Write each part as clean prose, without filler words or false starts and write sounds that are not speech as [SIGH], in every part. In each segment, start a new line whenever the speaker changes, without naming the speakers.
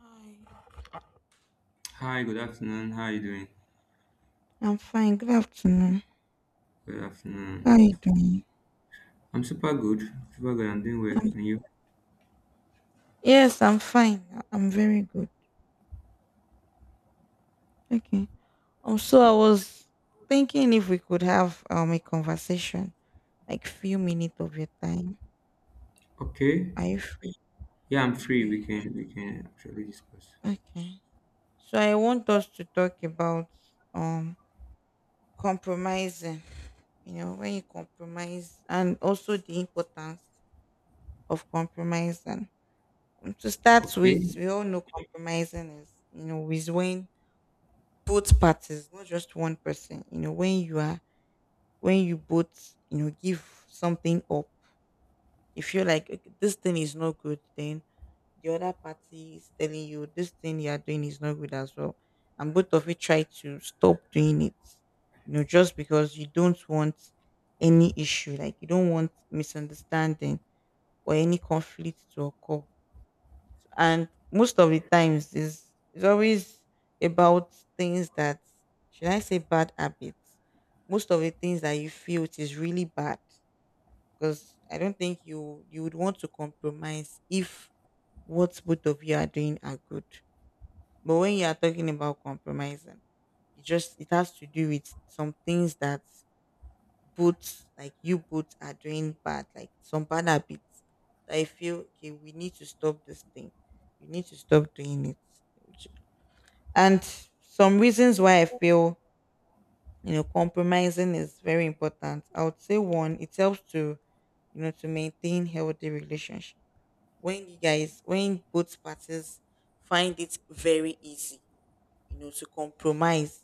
Hi,
Hi, good afternoon. How are you doing?
I'm fine. Good afternoon.
Good afternoon.
How are you doing?
I'm super good. Super good. I'm doing well.
Um,
And you?
yes, I'm fine. I'm very good. Okay. So I was thinking if we could have a conversation, like few minutes of your time.
Okay.
Are you free?
Yeah, I'm free.
Okay.
We can actually discuss.
Okay. So I want us to talk about um compromising. You know, when you compromise, and also the importance of compromising. To start
Okay.
with, we all know compromising is, you know, is when both parties, not just one person, you know, when you are, when you both, you know, give something up. If you're like, "Okay, this thing is not good," then the other party is telling you this thing you are doing is not good as well, and both of you try to stop doing it. You know, just because you don't want any issue, like you don't want misunderstanding or any conflict to occur. And most of the times is, it's always about things that, should I say, bad habits. Most of the things that you feel it is really bad, because I don't think you would want to compromise if what both of you are doing are good. But when you are talking about compromising, it just it has to do with some things that both, like you both are doing bad, like some bad habits that I feel, okay, we need to stop this thing, you need to stop doing it. And some reasons why I feel, you know, compromising is very important, I would say one, it helps to, you know, to maintain healthy relationship. When you guys, when both parties find it very easy, you know, to compromise,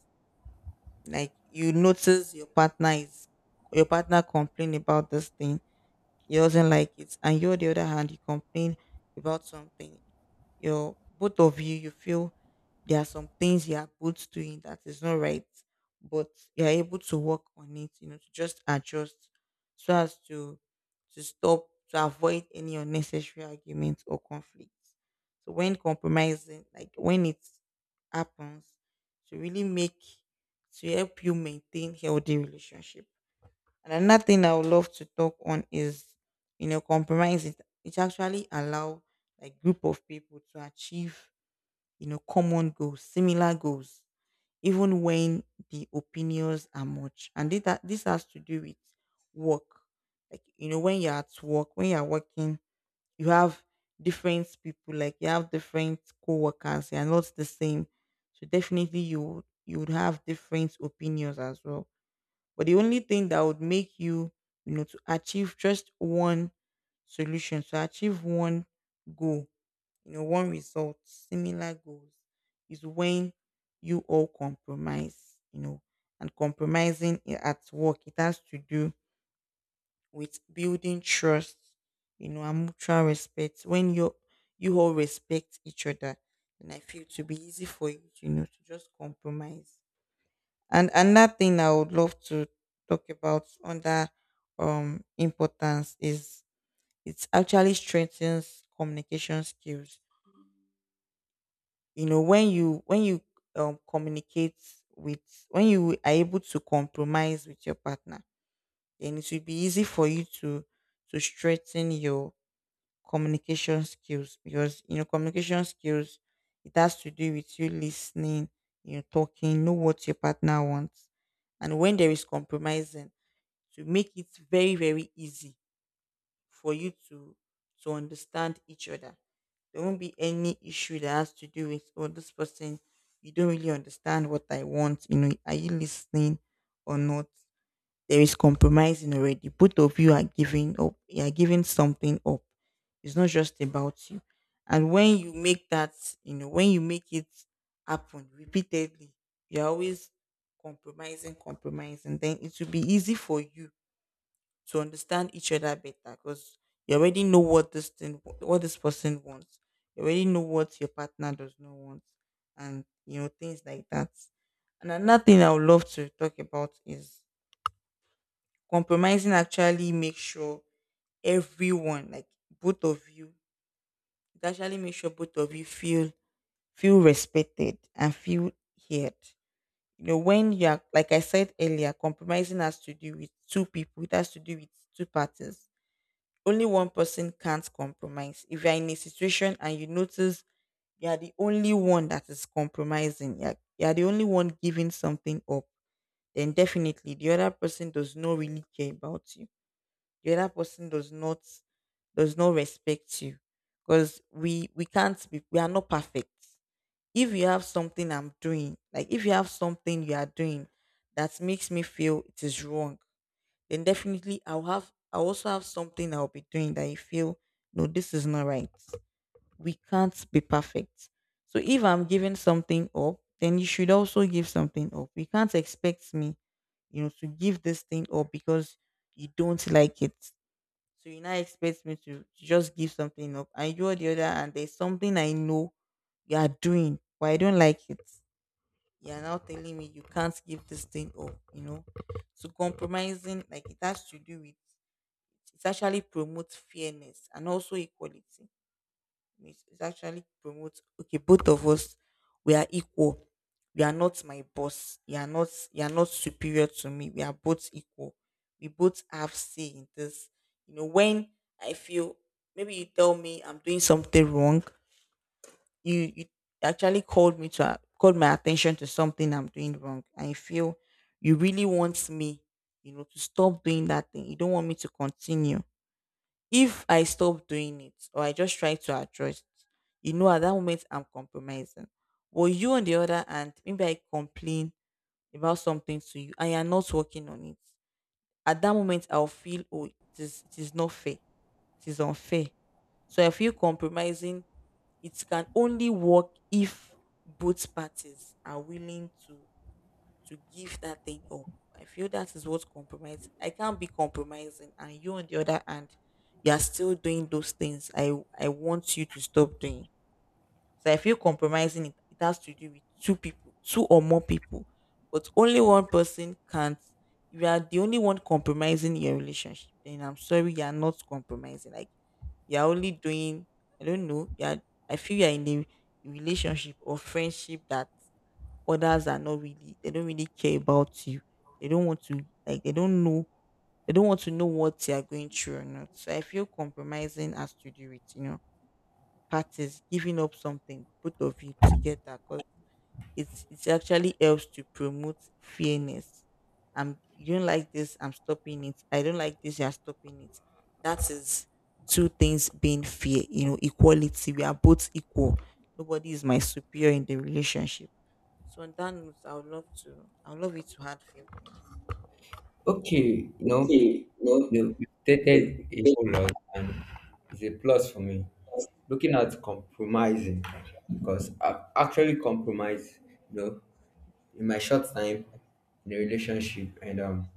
like you notice your partner is, your partner complain about this thing, he doesn't like it, and you on the other hand you complain about something. You, both of you, you feel there are some things you are both doing that is not right, but you are able to work on it, you know, to just adjust, so as to stop, to avoid any unnecessary arguments or conflicts. So when compromising, like when it happens, to really make, to help you maintain healthy relationship. And another thing I would love to talk on is, you know, compromise. It actually allow a group of people to achieve, you know, common goals, similar goals, even when the opinions are much. And that this has to do with work. Like, you know, when you're at work, when you're working, you have different people, like you have different co-workers, they are not the same. So definitely you would have different opinions as well. But the only thing that would make you, you know, to achieve just one solution, to achieve one goal, you know, one result, similar goals, is when you all compromise, you know. And compromising at work, it has to do with building trust, you know, and mutual respect. When you all respect each other, then I feel to be easy for you to, you know, to just compromise. And another thing I would love to talk about under importance is it actually strengthens communication skills. You know, when you communicate with, when you are able to compromise with your partner, then it will be easy for you to strengthen your communication skills, because you know communication skills, it has to do with you listening, you know, talking, know what your partner wants. And when there is compromising, to make it very very easy for you to understand each other, there won't be any issue that has to do with, oh, this person, you don't really understand what I want, you know, are you listening or not. There is compromising already, both of you are giving up, you are giving something up, it's not just about you. And when you make that, you know, when you make it happen repeatedly, you're always compromising, then it will be easy for you to understand each other better, because you already know what this person wants, you already know what your partner does not want, and you know things like that. And another thing I would love to talk about is compromising actually make sure everyone, like both of you, it actually make sure both of you feel, feel respected and feel heard. You know, when you're, like I said earlier, compromising has to do with two people, it has to do with two parties, only one person can't compromise. If you're in a situation and you notice you're the only one that is compromising, you're the only one giving something up, then definitely the other person does not really care about you. The other person does not, does not respect you, because we can't be, we are not perfect. If you have something I'm doing, like if you have something you are doing that makes me feel it is wrong, then definitely I also have something I'll be doing that I feel, no, this is not right. We can't be perfect. So if I'm giving something up, then you should also give something up. You can't expect me, you know, to give this thing up because you don't like it. So you now expect me to just give something up. And you the other, and there's something I know you are doing, but I don't like it. You're now telling me you can't give this thing up, you know. So compromising, like it has to do with it actually promotes fairness and also equality. It actually promotes, okay, both of us we are equal. You are not my boss. You are not superior to me. We are both equal. We both have say in this. You know, when I feel, maybe you tell me I'm doing something wrong, you actually called me to called my attention to something I'm doing wrong. I feel you really want me, you know, to stop doing that thing. You don't want me to continue. If I stop doing it or I just try to adjust, you know, at that moment I'm compromising. But you on the other hand, maybe I complain about something to you and you're not working on it. At that moment I'll feel, oh, it is not fair. It is unfair. So I feel compromising, it can only work if both parties are willing to give that thing up. I feel that is what compromise. I can't be compromising, and you on the other hand, you are still doing those things. I want you to stop doing. So I feel compromising. It has to do with two people, two or more people, but only one person can't. If you are the only one compromising your relationship, then I'm sorry, you are not compromising. Like you're only doing. I don't know. You are, I feel you're in a relationship or friendship that others are not really, they don't really care about you, they don't want to, like they don't know, they don't want to know what they are going through or not. So I feel compromising has to do with, you know, parties giving up something, both of you together, because it actually helps to promote fairness. I'm, you don't like this, I'm stopping it, I don't like this, you're stopping it. That is two things being fair, you know, equality, we are both equal. Nobody is my superior in the relationship. So on that note, I would love it to add few things.
Okay. You know,
Okay, no,
you
no.
stated a whole lot, and it's a plus for me. Looking at compromising, because I've actually compromised. You know, in my short time in a relationship, and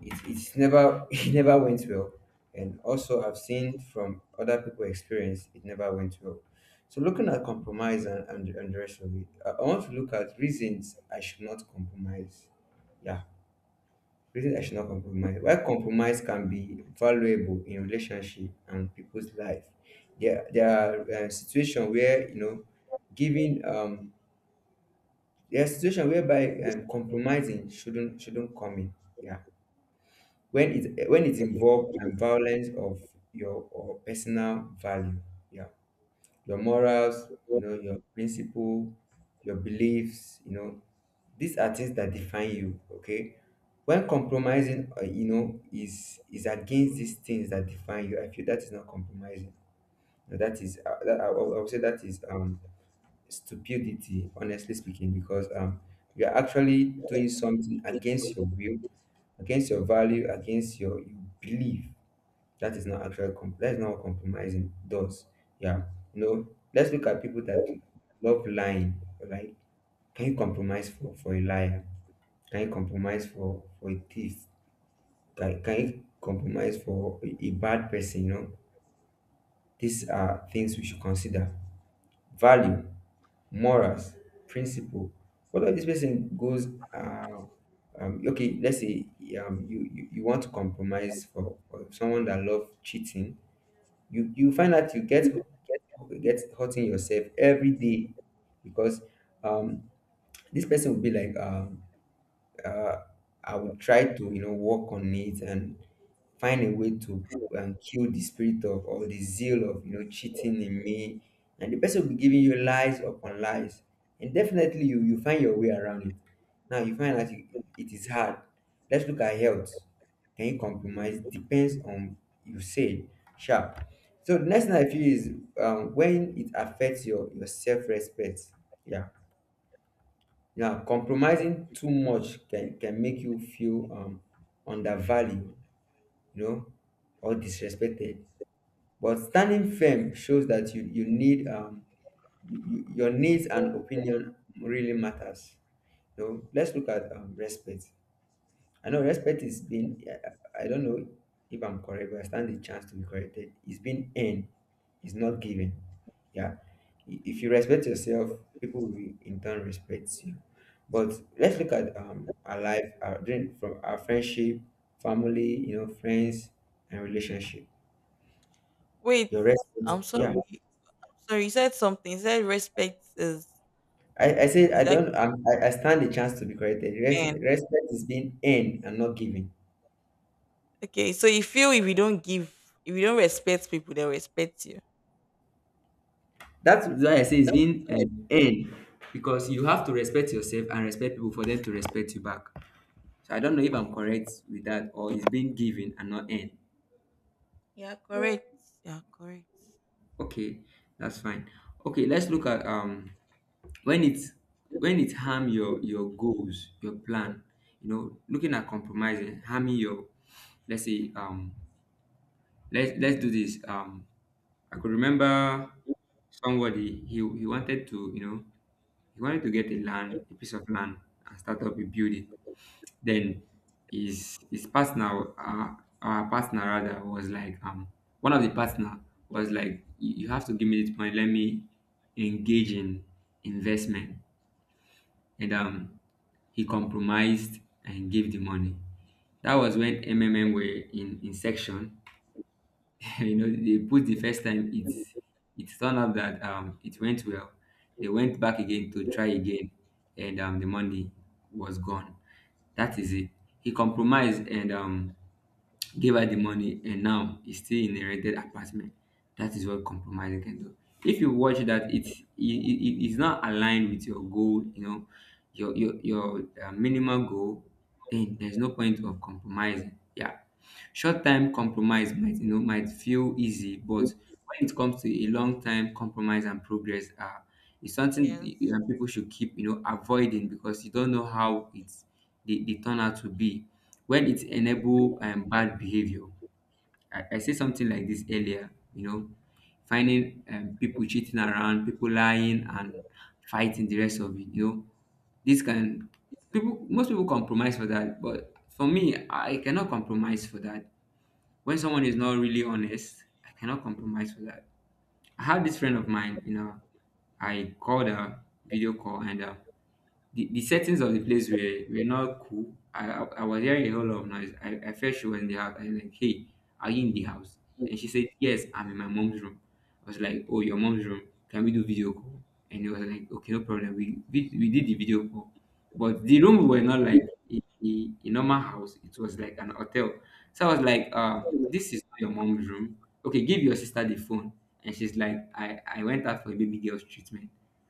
it it's never [LAUGHS] it never went well, and also I've seen from other people experience it never went well. So looking at compromise and, the rest of it, I want to look at reasons I should not compromise. Yeah, reasons I should not compromise, why compromise can be valuable in relationship and people's life. There are situations where, you know, giving there are situations whereby compromising shouldn't come in. Yeah, when it involves violence of your or personal value. Yeah, your morals, you know, your principle, your beliefs, you know, these are things that define you. Okay, when compromising, you know, is against these things that define you, I feel that is not compromising. Now, that is I would say that is stupidity, honestly speaking, because you are actually doing something against your will, against your value, against your you believe. That is not actually that is not what compromising does. Yeah, you know. Let's look at people that love lying. Right? Can you compromise for a liar? Can you compromise for a thief? Can you compromise for a bad person? You know, these are things we should consider. Value, morals, principle. What if this person goes, okay, let's say you want to compromise for someone that loves cheating, you find out you get hurting yourself every day because um, this person will be like, uh, I would try to, you know, work on it and find a way to kill the spirit of or the zeal of, you know, cheating in me, and the person will be giving you lies upon lies, and definitely you find your way around it. Now you find that it is hard. Let's look at health. Can you compromise? Depends on you say sharp. So the next thing I feel is, when it affects your self respect. Yeah, yeah, compromising too much can make you feel undervalued, you know, or disrespected. But standing firm shows that you need your needs and opinion really matters. You know, let's look at respect. I know respect is being, I don't know if I'm correct, but I stand the chance to be corrected. It's being earned, it's not given. Yeah. If you respect yourself, people will in turn respect you. But let's look at our life, our during from our friendship, family, you know, friends, and relationship.
Wait,
Your respect,
I'm sorry.
yeah.
Sorry, you said something. You said respect is
I said I
is actually
don't. I stand the chance to be corrected.
end.
Respect is being earned and not given.
Okay, so you feel if you don't give, if you don't respect people, they'll respect you.
That's why I say it's being earned, because you have to respect yourself and respect people for them to respect you back. So I don't know if I'm
Okay.
correct with that, or it's being given and not earned.
Correct. Yeah, correct.
Okay, that's fine. Okay, let's look at when it's when it harm your goals, your plan. You know, looking at compromising, harming your, let's say, Let's do this. I could remember somebody. He wanted to, you know, he wanted to get a land, a piece of land, and start up a building. Then his partner, our partner rather, was like, one of the partner was like, you have to give me this money. Let me engage in investment, and he compromised and gave the money. That was when MMM were in section. [LAUGHS] You know, they put the first time. It turned out that it went well. They went back again to try again, and the money was gone. That is it. He compromised and gave her the money, and now is still in a rented apartment. That is what compromising can do. If you watch that it's not aligned with your goal, you know, your minimal goal, then there's no point of compromising. Yeah, short time compromise might, you know, might feel easy, but when it comes to a long time compromise and progress, it's something
Yes.
people should keep, you know, avoiding, because you don't know how it's they turn out to be. When it enable bad behavior, I said something like this earlier, you know, finding people cheating around, people lying and fighting the rest of it, you know, this can, people, most people compromise for that, but for me, I cannot compromise for that. When someone is not really honest, I cannot compromise for that. I had this friend of mine, you know, I called her video call, and the settings of the place were not cool. I was hearing a whole lot of noise. I felt she was in the house. I was like, hey, are you in the house? And she said, yes, I'm in my mom's room. I was like, oh, your mom's room. Can we do video call? And it was like, okay, no problem. We did the video call. But the room were not like a normal house. It was like an hotel. So I was like, this is not your mom's room. Okay, give your sister the phone. And she's like, I went out for a baby girl's treatment.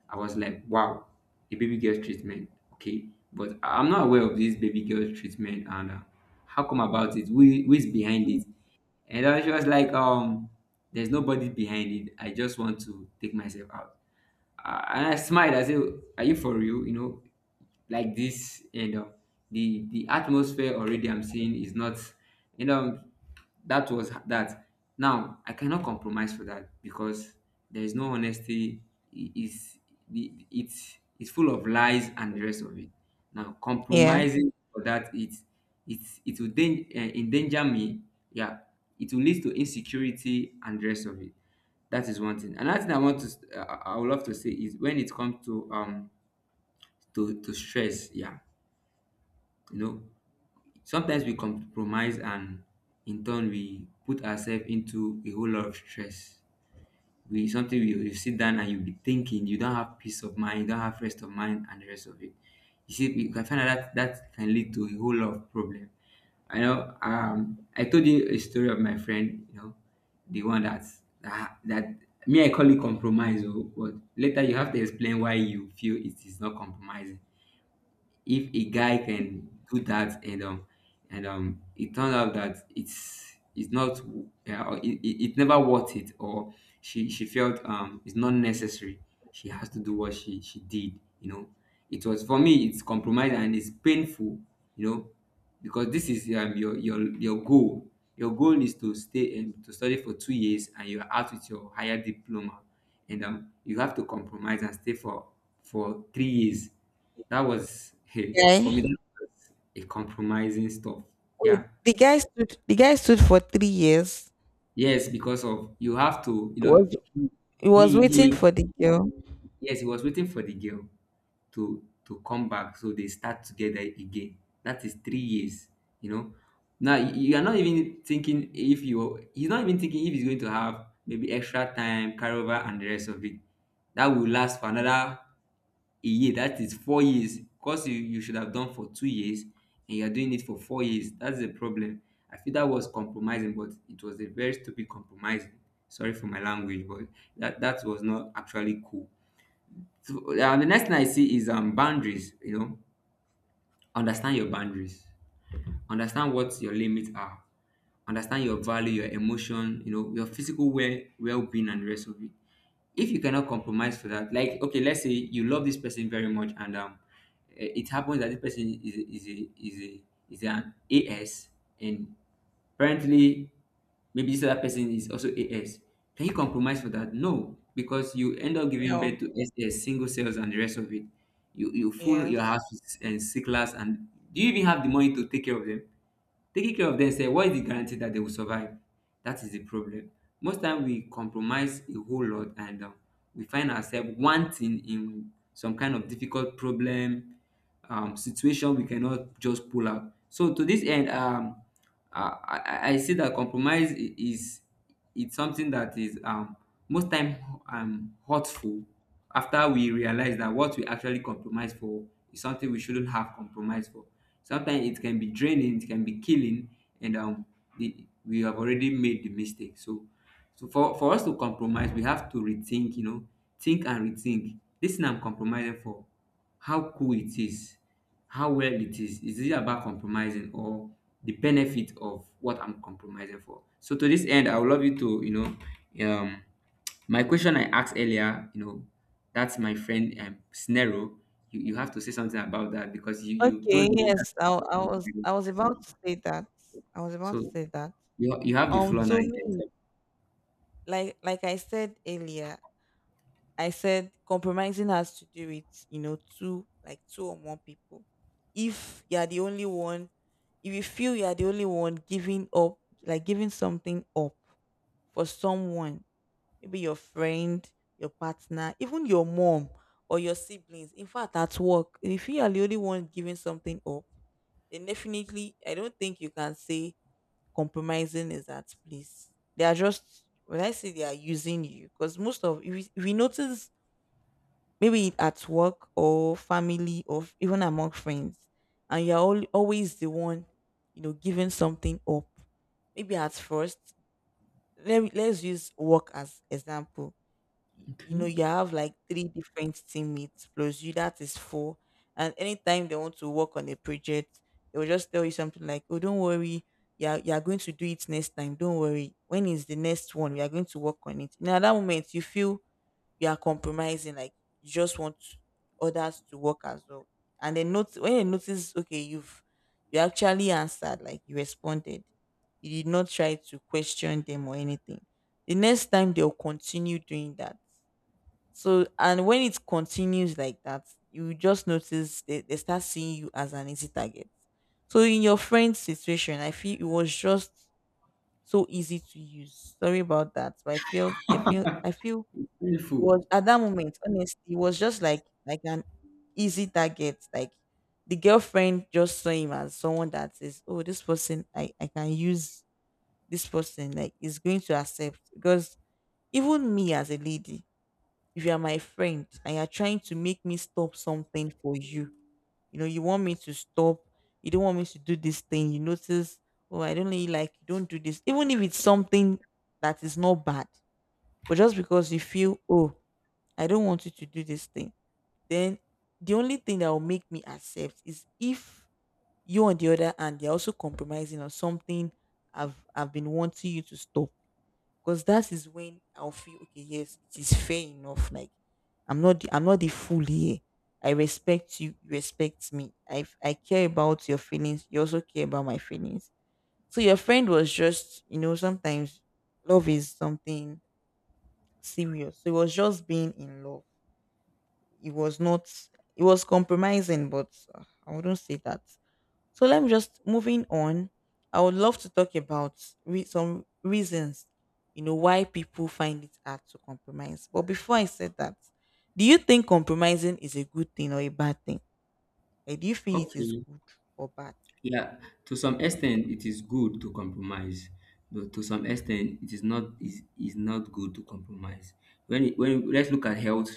I was like, wow, a baby girl treatment. Okay, but I'm not aware of this baby girl treatment. And how come about it? Who is behind it? And I was like, there's nobody behind it. I just want to take myself out. And I smiled. I said, are you for real? You know, like this. And the atmosphere already I'm seeing is not. You know, that was that. Now I cannot compromise for that, because there is no honesty. Is the It's full of lies and the rest of it. Now
Yes.
compromising for that, it will endanger me. Yeah, it will lead to insecurity and the rest of it. That is one thing. Another thing I want to I would love to say is, when it comes to to stress. Yeah, you know, sometimes we compromise and in turn we put ourselves into a whole lot of stress. We something you sit down and you be thinking, you don't have peace of mind, you don't have rest of mind and the rest of it. You see, you can find out that that can lead to a whole lot of problem. I know I told you a story of my friend, you know, the one that me I call it compromise, oh, but later you have to explain why you feel it is not compromising. If a guy can do that, and it turned out that it's not, yeah, or it never worth it, or she felt it's not necessary, she has to do what she did, you know. It was, for me, it's compromise, and it's painful, you know, because this is, your goal. Your goal is to stay and to study for 2 years, and you're out with your higher diploma, and you have to compromise and stay for 3 years. That was [LAUGHS] for me.
Okay.
That was a compromising stuff.
Wait,
Yeah.
the guy stood for 3 years.
Yes, because of you have to, you
He was
know,
he was waiting
he
for the girl.
yes, he was waiting for the girl, to come back, so they start together again. That is 3 years, you know. Now you are not even thinking if you he's not even thinking if he's going to have maybe extra time carryover and the rest of it, that will last for another a year. That is 4 years course. You should have done for 2 years, and you are doing it for 4 years. That's the problem. I feel that was compromising, but it was a very stupid compromising. Sorry for my language, but that was not actually cool. So the next thing I see is boundaries. You know, understand your boundaries. Understand what your limits are. Understand your value, your emotion. You know, your physical well being and the rest of it. If you cannot compromise for that, like okay, let's say you love this person very much, and it happens that this person is an AS, and apparently maybe this other person is also AS. Can you compromise for that? No, because you end up giving
No.
birth to SS, single cells, and the rest of it. You fool your
Yes.
house with s- and sicklers, and do you even have the money to take care of them? Taking care of themself, what is the guarantee that they will survive? That is the problem. Most time we compromise a whole lot, and we find ourselves wanting in some kind of difficult problem situation we cannot just pull out. So to this end, I see that is it's something that is most time hurtful. After we realize that what we actually compromise for is something we shouldn't have compromised for, sometimes it can be draining, it can be killing. and um we have already made the mistake, so so for us to compromise, we have to rethink, think and rethink. This thing I'm compromising for, how cool it is, how well it is. Is it about compromising or the benefit of what I'm compromising for? So to this end, I would love you to, know, um, my question I asked earlier, that's my friend Snero. You have to say something about that because you
Okay,
told me that.
yes, I, I was, I was about to say that. I was about to
So
say that.
you have the floor now.
To
You can talk.
me, like I said earlier, I said compromising has to do with, you know, two, like two or more people. If you are the only one, if you feel you are the only one giving up, like giving something up for someone, maybe your friend, your partner, even your mom or your siblings. In fact, at work, if you are the only one giving something up, then definitely I don't think you can say compromising is at place. They are just, when I say they are using you, because most of, if we notice maybe at work or family or even among friends, and you're all, always the one, you know, giving something up. Maybe at first, let's use work as example. You know
Okay.
you have like three different teammates plus you, that is four, and anytime they want to work on a project, they will just tell you something like, oh, don't worry, you're going to do it next time, don't worry, when is the next one, we are going to work on it. Now at that moment you feel you are compromising, like you just want others to work as well. And then not when you notice, okay, you actually answered, like you responded, you did not try to question them or anything. The next time they'll continue doing that. So and when it continues like that, you just notice they start seeing you as an easy target. So, in your friend's situation, I feel it was just so easy to use. Sorry about that, but I feel it
Beautiful.
was at that moment. Honestly, it was just like an easy target. Like the girlfriend just saw him as someone that says, "Oh, this person, I can use this person. Like, is going to accept." Because even me as a lady, if you are my friend and you're trying to make me stop something for you, you want me to stop, you don't want me to do this thing, you notice, oh, I don't really like, you don't do this, even if it's something that is not bad, but just because you feel, oh, I don't want you to do this thing, then the only thing that will make me accept is if you, on the other hand, they're also compromising on something I've been wanting you to stop, because that is when I'll feel okay. Yes, it is fair enough. Like I'm not the fool here. I respect you. You respect me. I care about your feelings. You also care about my feelings. So your friend was just, you know, sometimes love is something serious. So it was just being in love. It was not. It was compromising, but I wouldn't say that. So let me just moving on. I would love to talk about some reasons, you know, why people find it hard to compromise. But before I said that, do you think compromising is a good thing or a bad thing? Like, do you feel it is
Okay.
good or bad?
Yeah, to some extent, it is good to compromise, but to some extent, it is not is is not good to compromise. When let's look at health,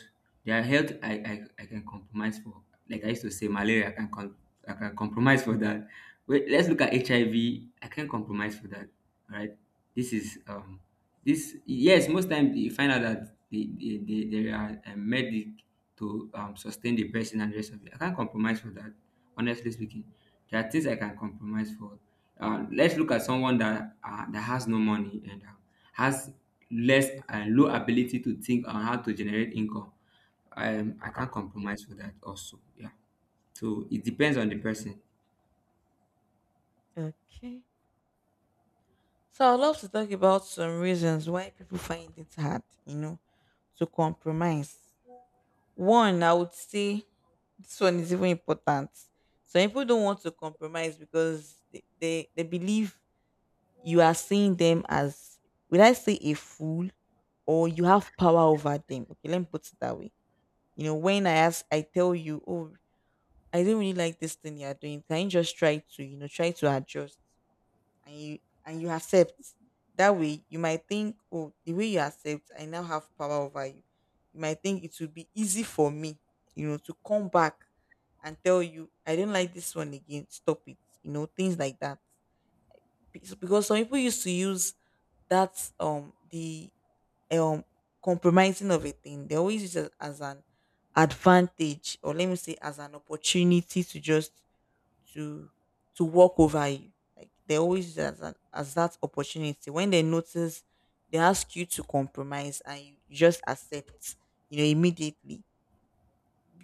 their health I can compromise for. Like I used to say, malaria I can compromise for that. Wait, let's look at HIV. I V. I can't compromise for that. All right, this is this, yes, most times you find out that they are a medic to sustain the person and the rest of it. I can't compromise for that. Honestly speaking, there are things I can compromise for. Let's look at someone that that has no money and has less low ability to think on how to generate income. I can't compromise for that also. Yeah. So it depends on the person.
Okay. So I'd love to talk about some reasons why people find it hard, you know, to compromise. One, I would say this one is even important. Some people don't want to compromise because they believe you are seeing them as, will I say a fool, or you have power over them. Okay, let me put it that way. You know, when I tell you, oh, I don't really like this thing you're doing, can you just try to, you know, try to adjust, and you accept. That way you might think, oh, the way you accept, I now have power over you. You might think it would be easy for me, you know, to come back and tell you, I don't like this one again, stop it. You know, things like that. Because some people used to use that's the um compromising of a thing. They always use it as an advantage, or let me say as an opportunity, to just to to walk over you. Like they always use it as an, as that opportunity. When they notice they ask you to compromise and you just accept, you know, immediately.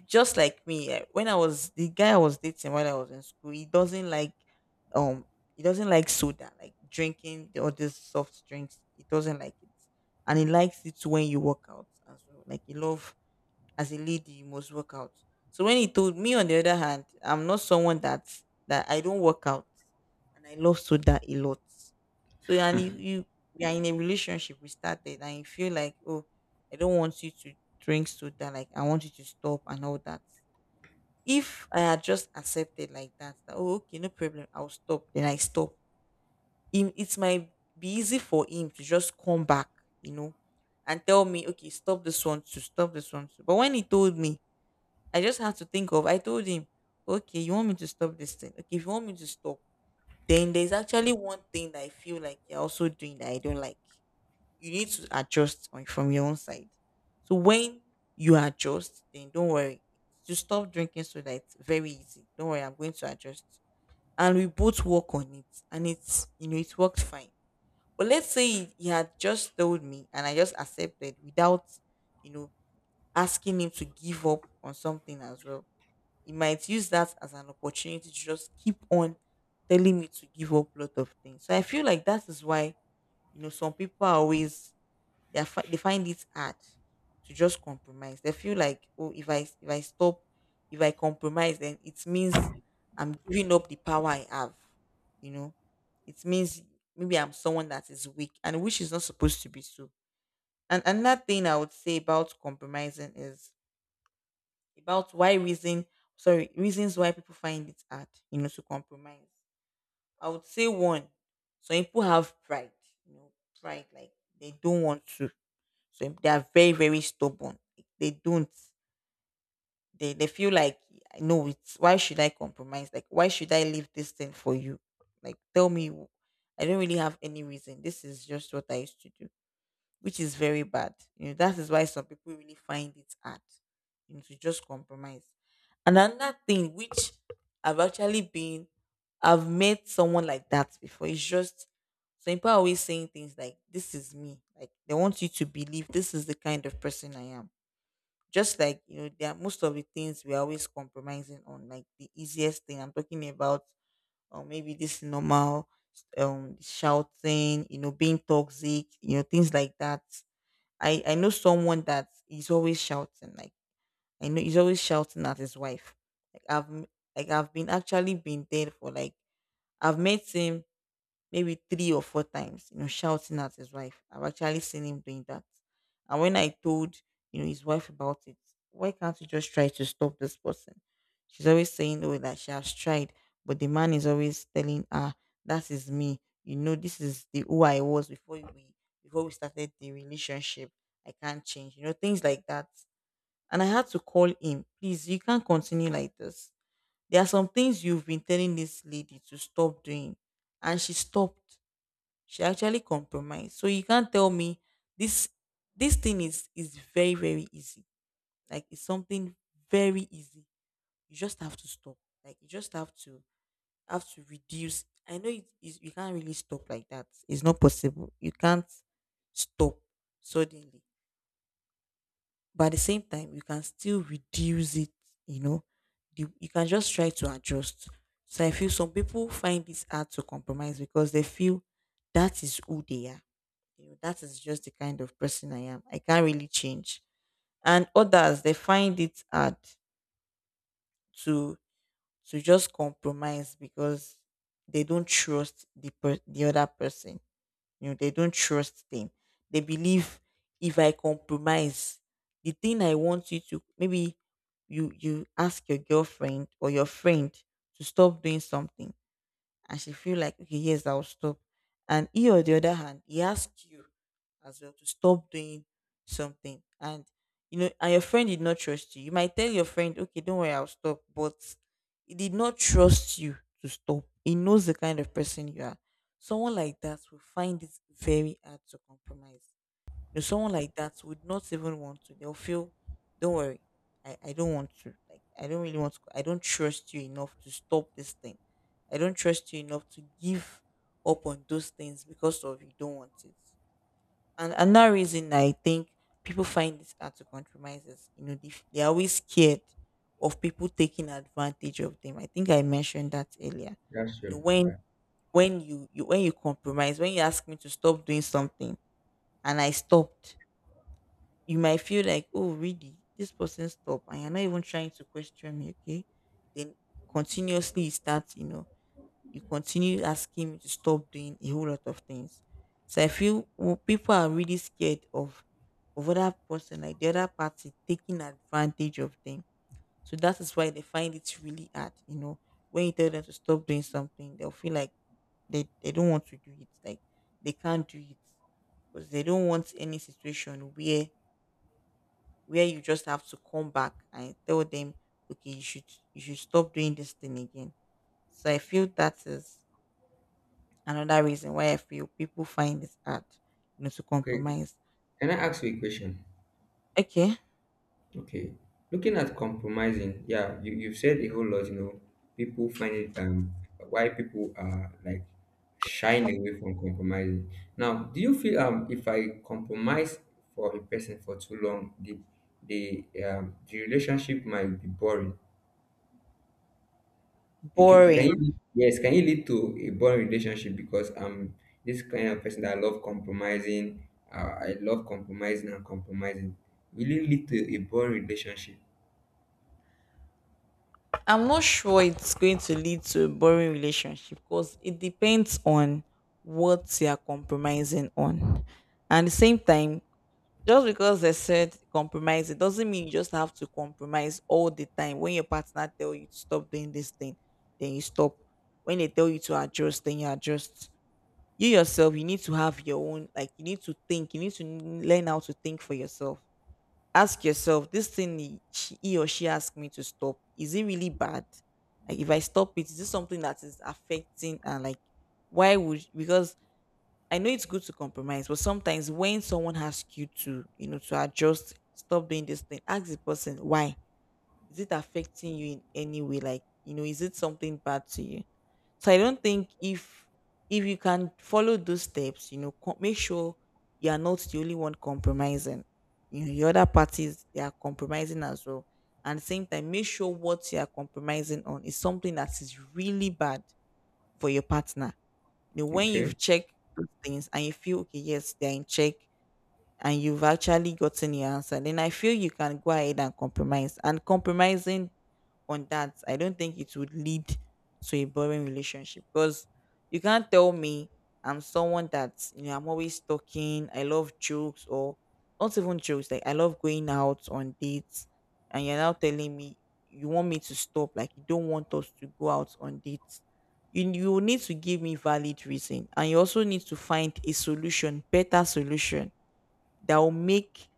Just like me, when I was the guy I was dating while I was in school, um he doesn't like soda, like drinking the- all these soft drinks. He doesn't like it. And he likes it when you work out as well. Like he love, as a lady you must work out. So when he told me, on the other hand, I'm not someone that I don't work out, and I love soda a lot. So and you, we are in a relationship we started, and you feel like, oh, I don't want you to drink soda, like I want you to stop and all that. If I had just accepted like that, that, oh, okay, no problem, I'll stop, then I stop, him, it might be easy for him to just come back, you know, and tell me, okay, stop this one, to stop this one too. But when he told me, I just had to think of. I told him, okay, you want me to stop this thing? Okay, if you want me to stop, then there's actually one thing that I feel like you're also doing that I don't like. You need to adjust on, from your own side. So when you adjust, then don't worry. To stop drinking so that it's very easy. Don't worry, I'm going to adjust. And we both work on it. And it's, you know, it worked fine. But let's say he had just told me and I just accepted without, you know, asking him to give up on something as well, he might use that as an opportunity to just keep on telling me to give up a lot of things. So I feel like that is why, you know, some people are always, they find it hard to just compromise. They feel like, oh, if I stop, if I compromise, then it means I'm giving up the power I have. You know, it means maybe I'm someone that is weak, and which is not supposed to be so. And another thing I would say about compromising is about why reason sorry reasons why people find it hard, you know, to compromise. I would say one, some people have pride, you know, pride, like they don't want to, so they are very, very stubborn. They don't, they feel like, no, it's why should I compromise, like why should I leave this thing for you, like tell me. I don't really have any reason, this is just what I used to do, which is very bad. You know, that is why some people really find it hard, you know, to just compromise. And another thing which I've actually been, I've met someone like that before. It's just some people are always saying things like, "This is me." Like they want you to believe this is the kind of person I am. Just like, you know, there are most of the things we're always compromising on, like the easiest thing I'm talking about, or maybe this normal shouting, you know, being toxic, you know, things like that. I know someone that is always shouting. Like I know he's always shouting at his wife. Like I've been actually been there for like, I've met him maybe three or four times, you know, shouting at his wife. I've actually seen him doing that. And when I told, you know, his wife about it, why can't you just try to stop this person? She's always saying, oh, that she has tried, but the man is always telling her, that is me. You know, this is the who I was before we started the relationship. I can't change. You know, things like that. And I had to call him, please, you can't continue like this. There are some things you've been telling this lady to stop doing, and she stopped, she actually compromised. So you can't tell me this thing is very, very easy. Like it's something very easy. You just have to stop. Like you just have to reduce. I know it is, you can't really stop like that. It's not possible. You can't stop suddenly. But at the same time, you can still reduce it. You know, you can just try to adjust. So I feel some people find this hard to compromise because they feel that is who they are, you know, that is just the kind of person I am. I can't really change. And others they find it hard to just compromise because they don't trust the the other person. You know, they don't trust them. They believe, if I compromise, the thing I want you to, maybe you ask your girlfriend or your friend to stop doing something, and she feel like, okay, yes, I'll stop, and he on the other hand he asked you as well to stop doing something, and, you know, and your friend did not trust you, you might tell your friend, okay, don't worry, I'll stop, but he did not trust you to stop, he knows the kind of person you are, someone like that will find it very hard to compromise. You know, someone like that would not even want to. They'll feel, don't worry, I don't want to. Like, I don't really want to. I don't trust you enough to stop this thing. I don't trust you enough to give up on those things because of you don't want it. And another reason I think people find it hard to compromise is, you know, they're always scared of people taking advantage of them. I think I mentioned that earlier. You know, when you compromise, when you ask me to stop doing something and I stopped, you might feel like, oh, really, this person stop, and you're not even trying to question me, okay? Then continuously you start, you know, you continue asking me to stop doing a whole lot of things. So I feel well, people are really scared of other person, like the other party taking advantage of them. So that is why they find it really hard, you know. When you tell them to stop doing something, they'll feel like they don't want to do it. Like they can't do it because they don't want any situation where you just have to come back and tell them, okay, you should stop doing this thing again. So I feel that is another reason why I feel people find it hard, you know, to
Okay.
compromise.
Can I ask you a question?
Okay.
Okay. Looking at compromising, yeah, you've said a whole lot, you know. People find it why people are like shying away from compromising. Now, do you feel if I compromise for a person for too long, the relationship might be boring? It can, it can it
Boring.
lead- Yes, can it lead to a boring relationship? Because I'm this kind of person that I love compromising and compromising. Will it lead to a boring relationship?
I'm not sure it's going to lead to a boring relationship because it depends on what you are compromising on. And at the same time, just because they said compromise, it doesn't mean you just have to compromise all the time. When your partner tell you to stop doing this thing, then you stop. When they tell you to adjust, then you adjust. You yourself, you need to have your own, like you need to think, you need to learn how to think for yourself. Ask yourself, this thing he or she asked me to stop, is it really bad? Like if I stop it, is this something that is affecting and like why would because I know it's good to compromise, but sometimes when someone asks you to, you know, to adjust, stop doing this thing, ask the person why. Is it affecting you in any way? Like, you know, is it something bad to you? So I don't think if you can follow those steps, you know, make sure you are not the only one compromising. You know, the other parties they are compromising as well. And at the same time, make sure what you are compromising on is something that is really bad for your partner, you know, when you've
Okay.
checked those things and you feel okay, yes, they're in check and you've actually gotten your answer, then I feel you can go ahead and compromise. And compromising on that, I don't think it would lead to a boring relationship because you can't tell me I'm someone that you know I'm always talking, I love jokes or not even jokes, like I love going out on dates, and you're now telling me you want me to stop, like you don't want us to go out on dates. You will need to give me valid reason, and you also need to find a solution, better solution that will make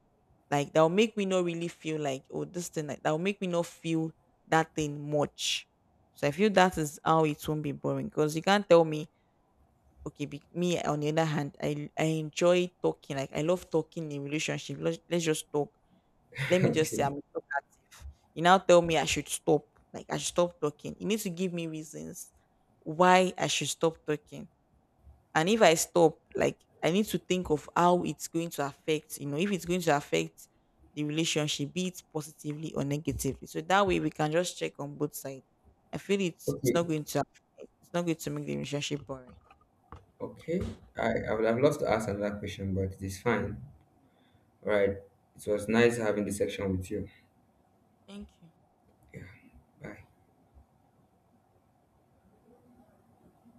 like that'll make me not really feel like, oh, this thing like that'll make me not feel that thing much. So I feel that is how it won't be boring. Because you can't tell me, okay, be, me on the other hand, I enjoy talking. Like I love talking in relationship. Let's just talk. Let
[LAUGHS]
me just say
Okay.
I'm talkative. You now tell me I should stop. Like I should stop talking. You need to give me reasons why I should stop talking, and if I stop, like I need to think of how it's going to affect, you know, if it's going to affect the relationship, be it positively or negatively. So that way we can just check on both sides. I feel it's
Okay,
not going to it's not going to make the relationship boring.
okay. I would have loved to ask another question, but it is fine. All right. It was nice having this section with you.
Thank you.
Yeah. Bye.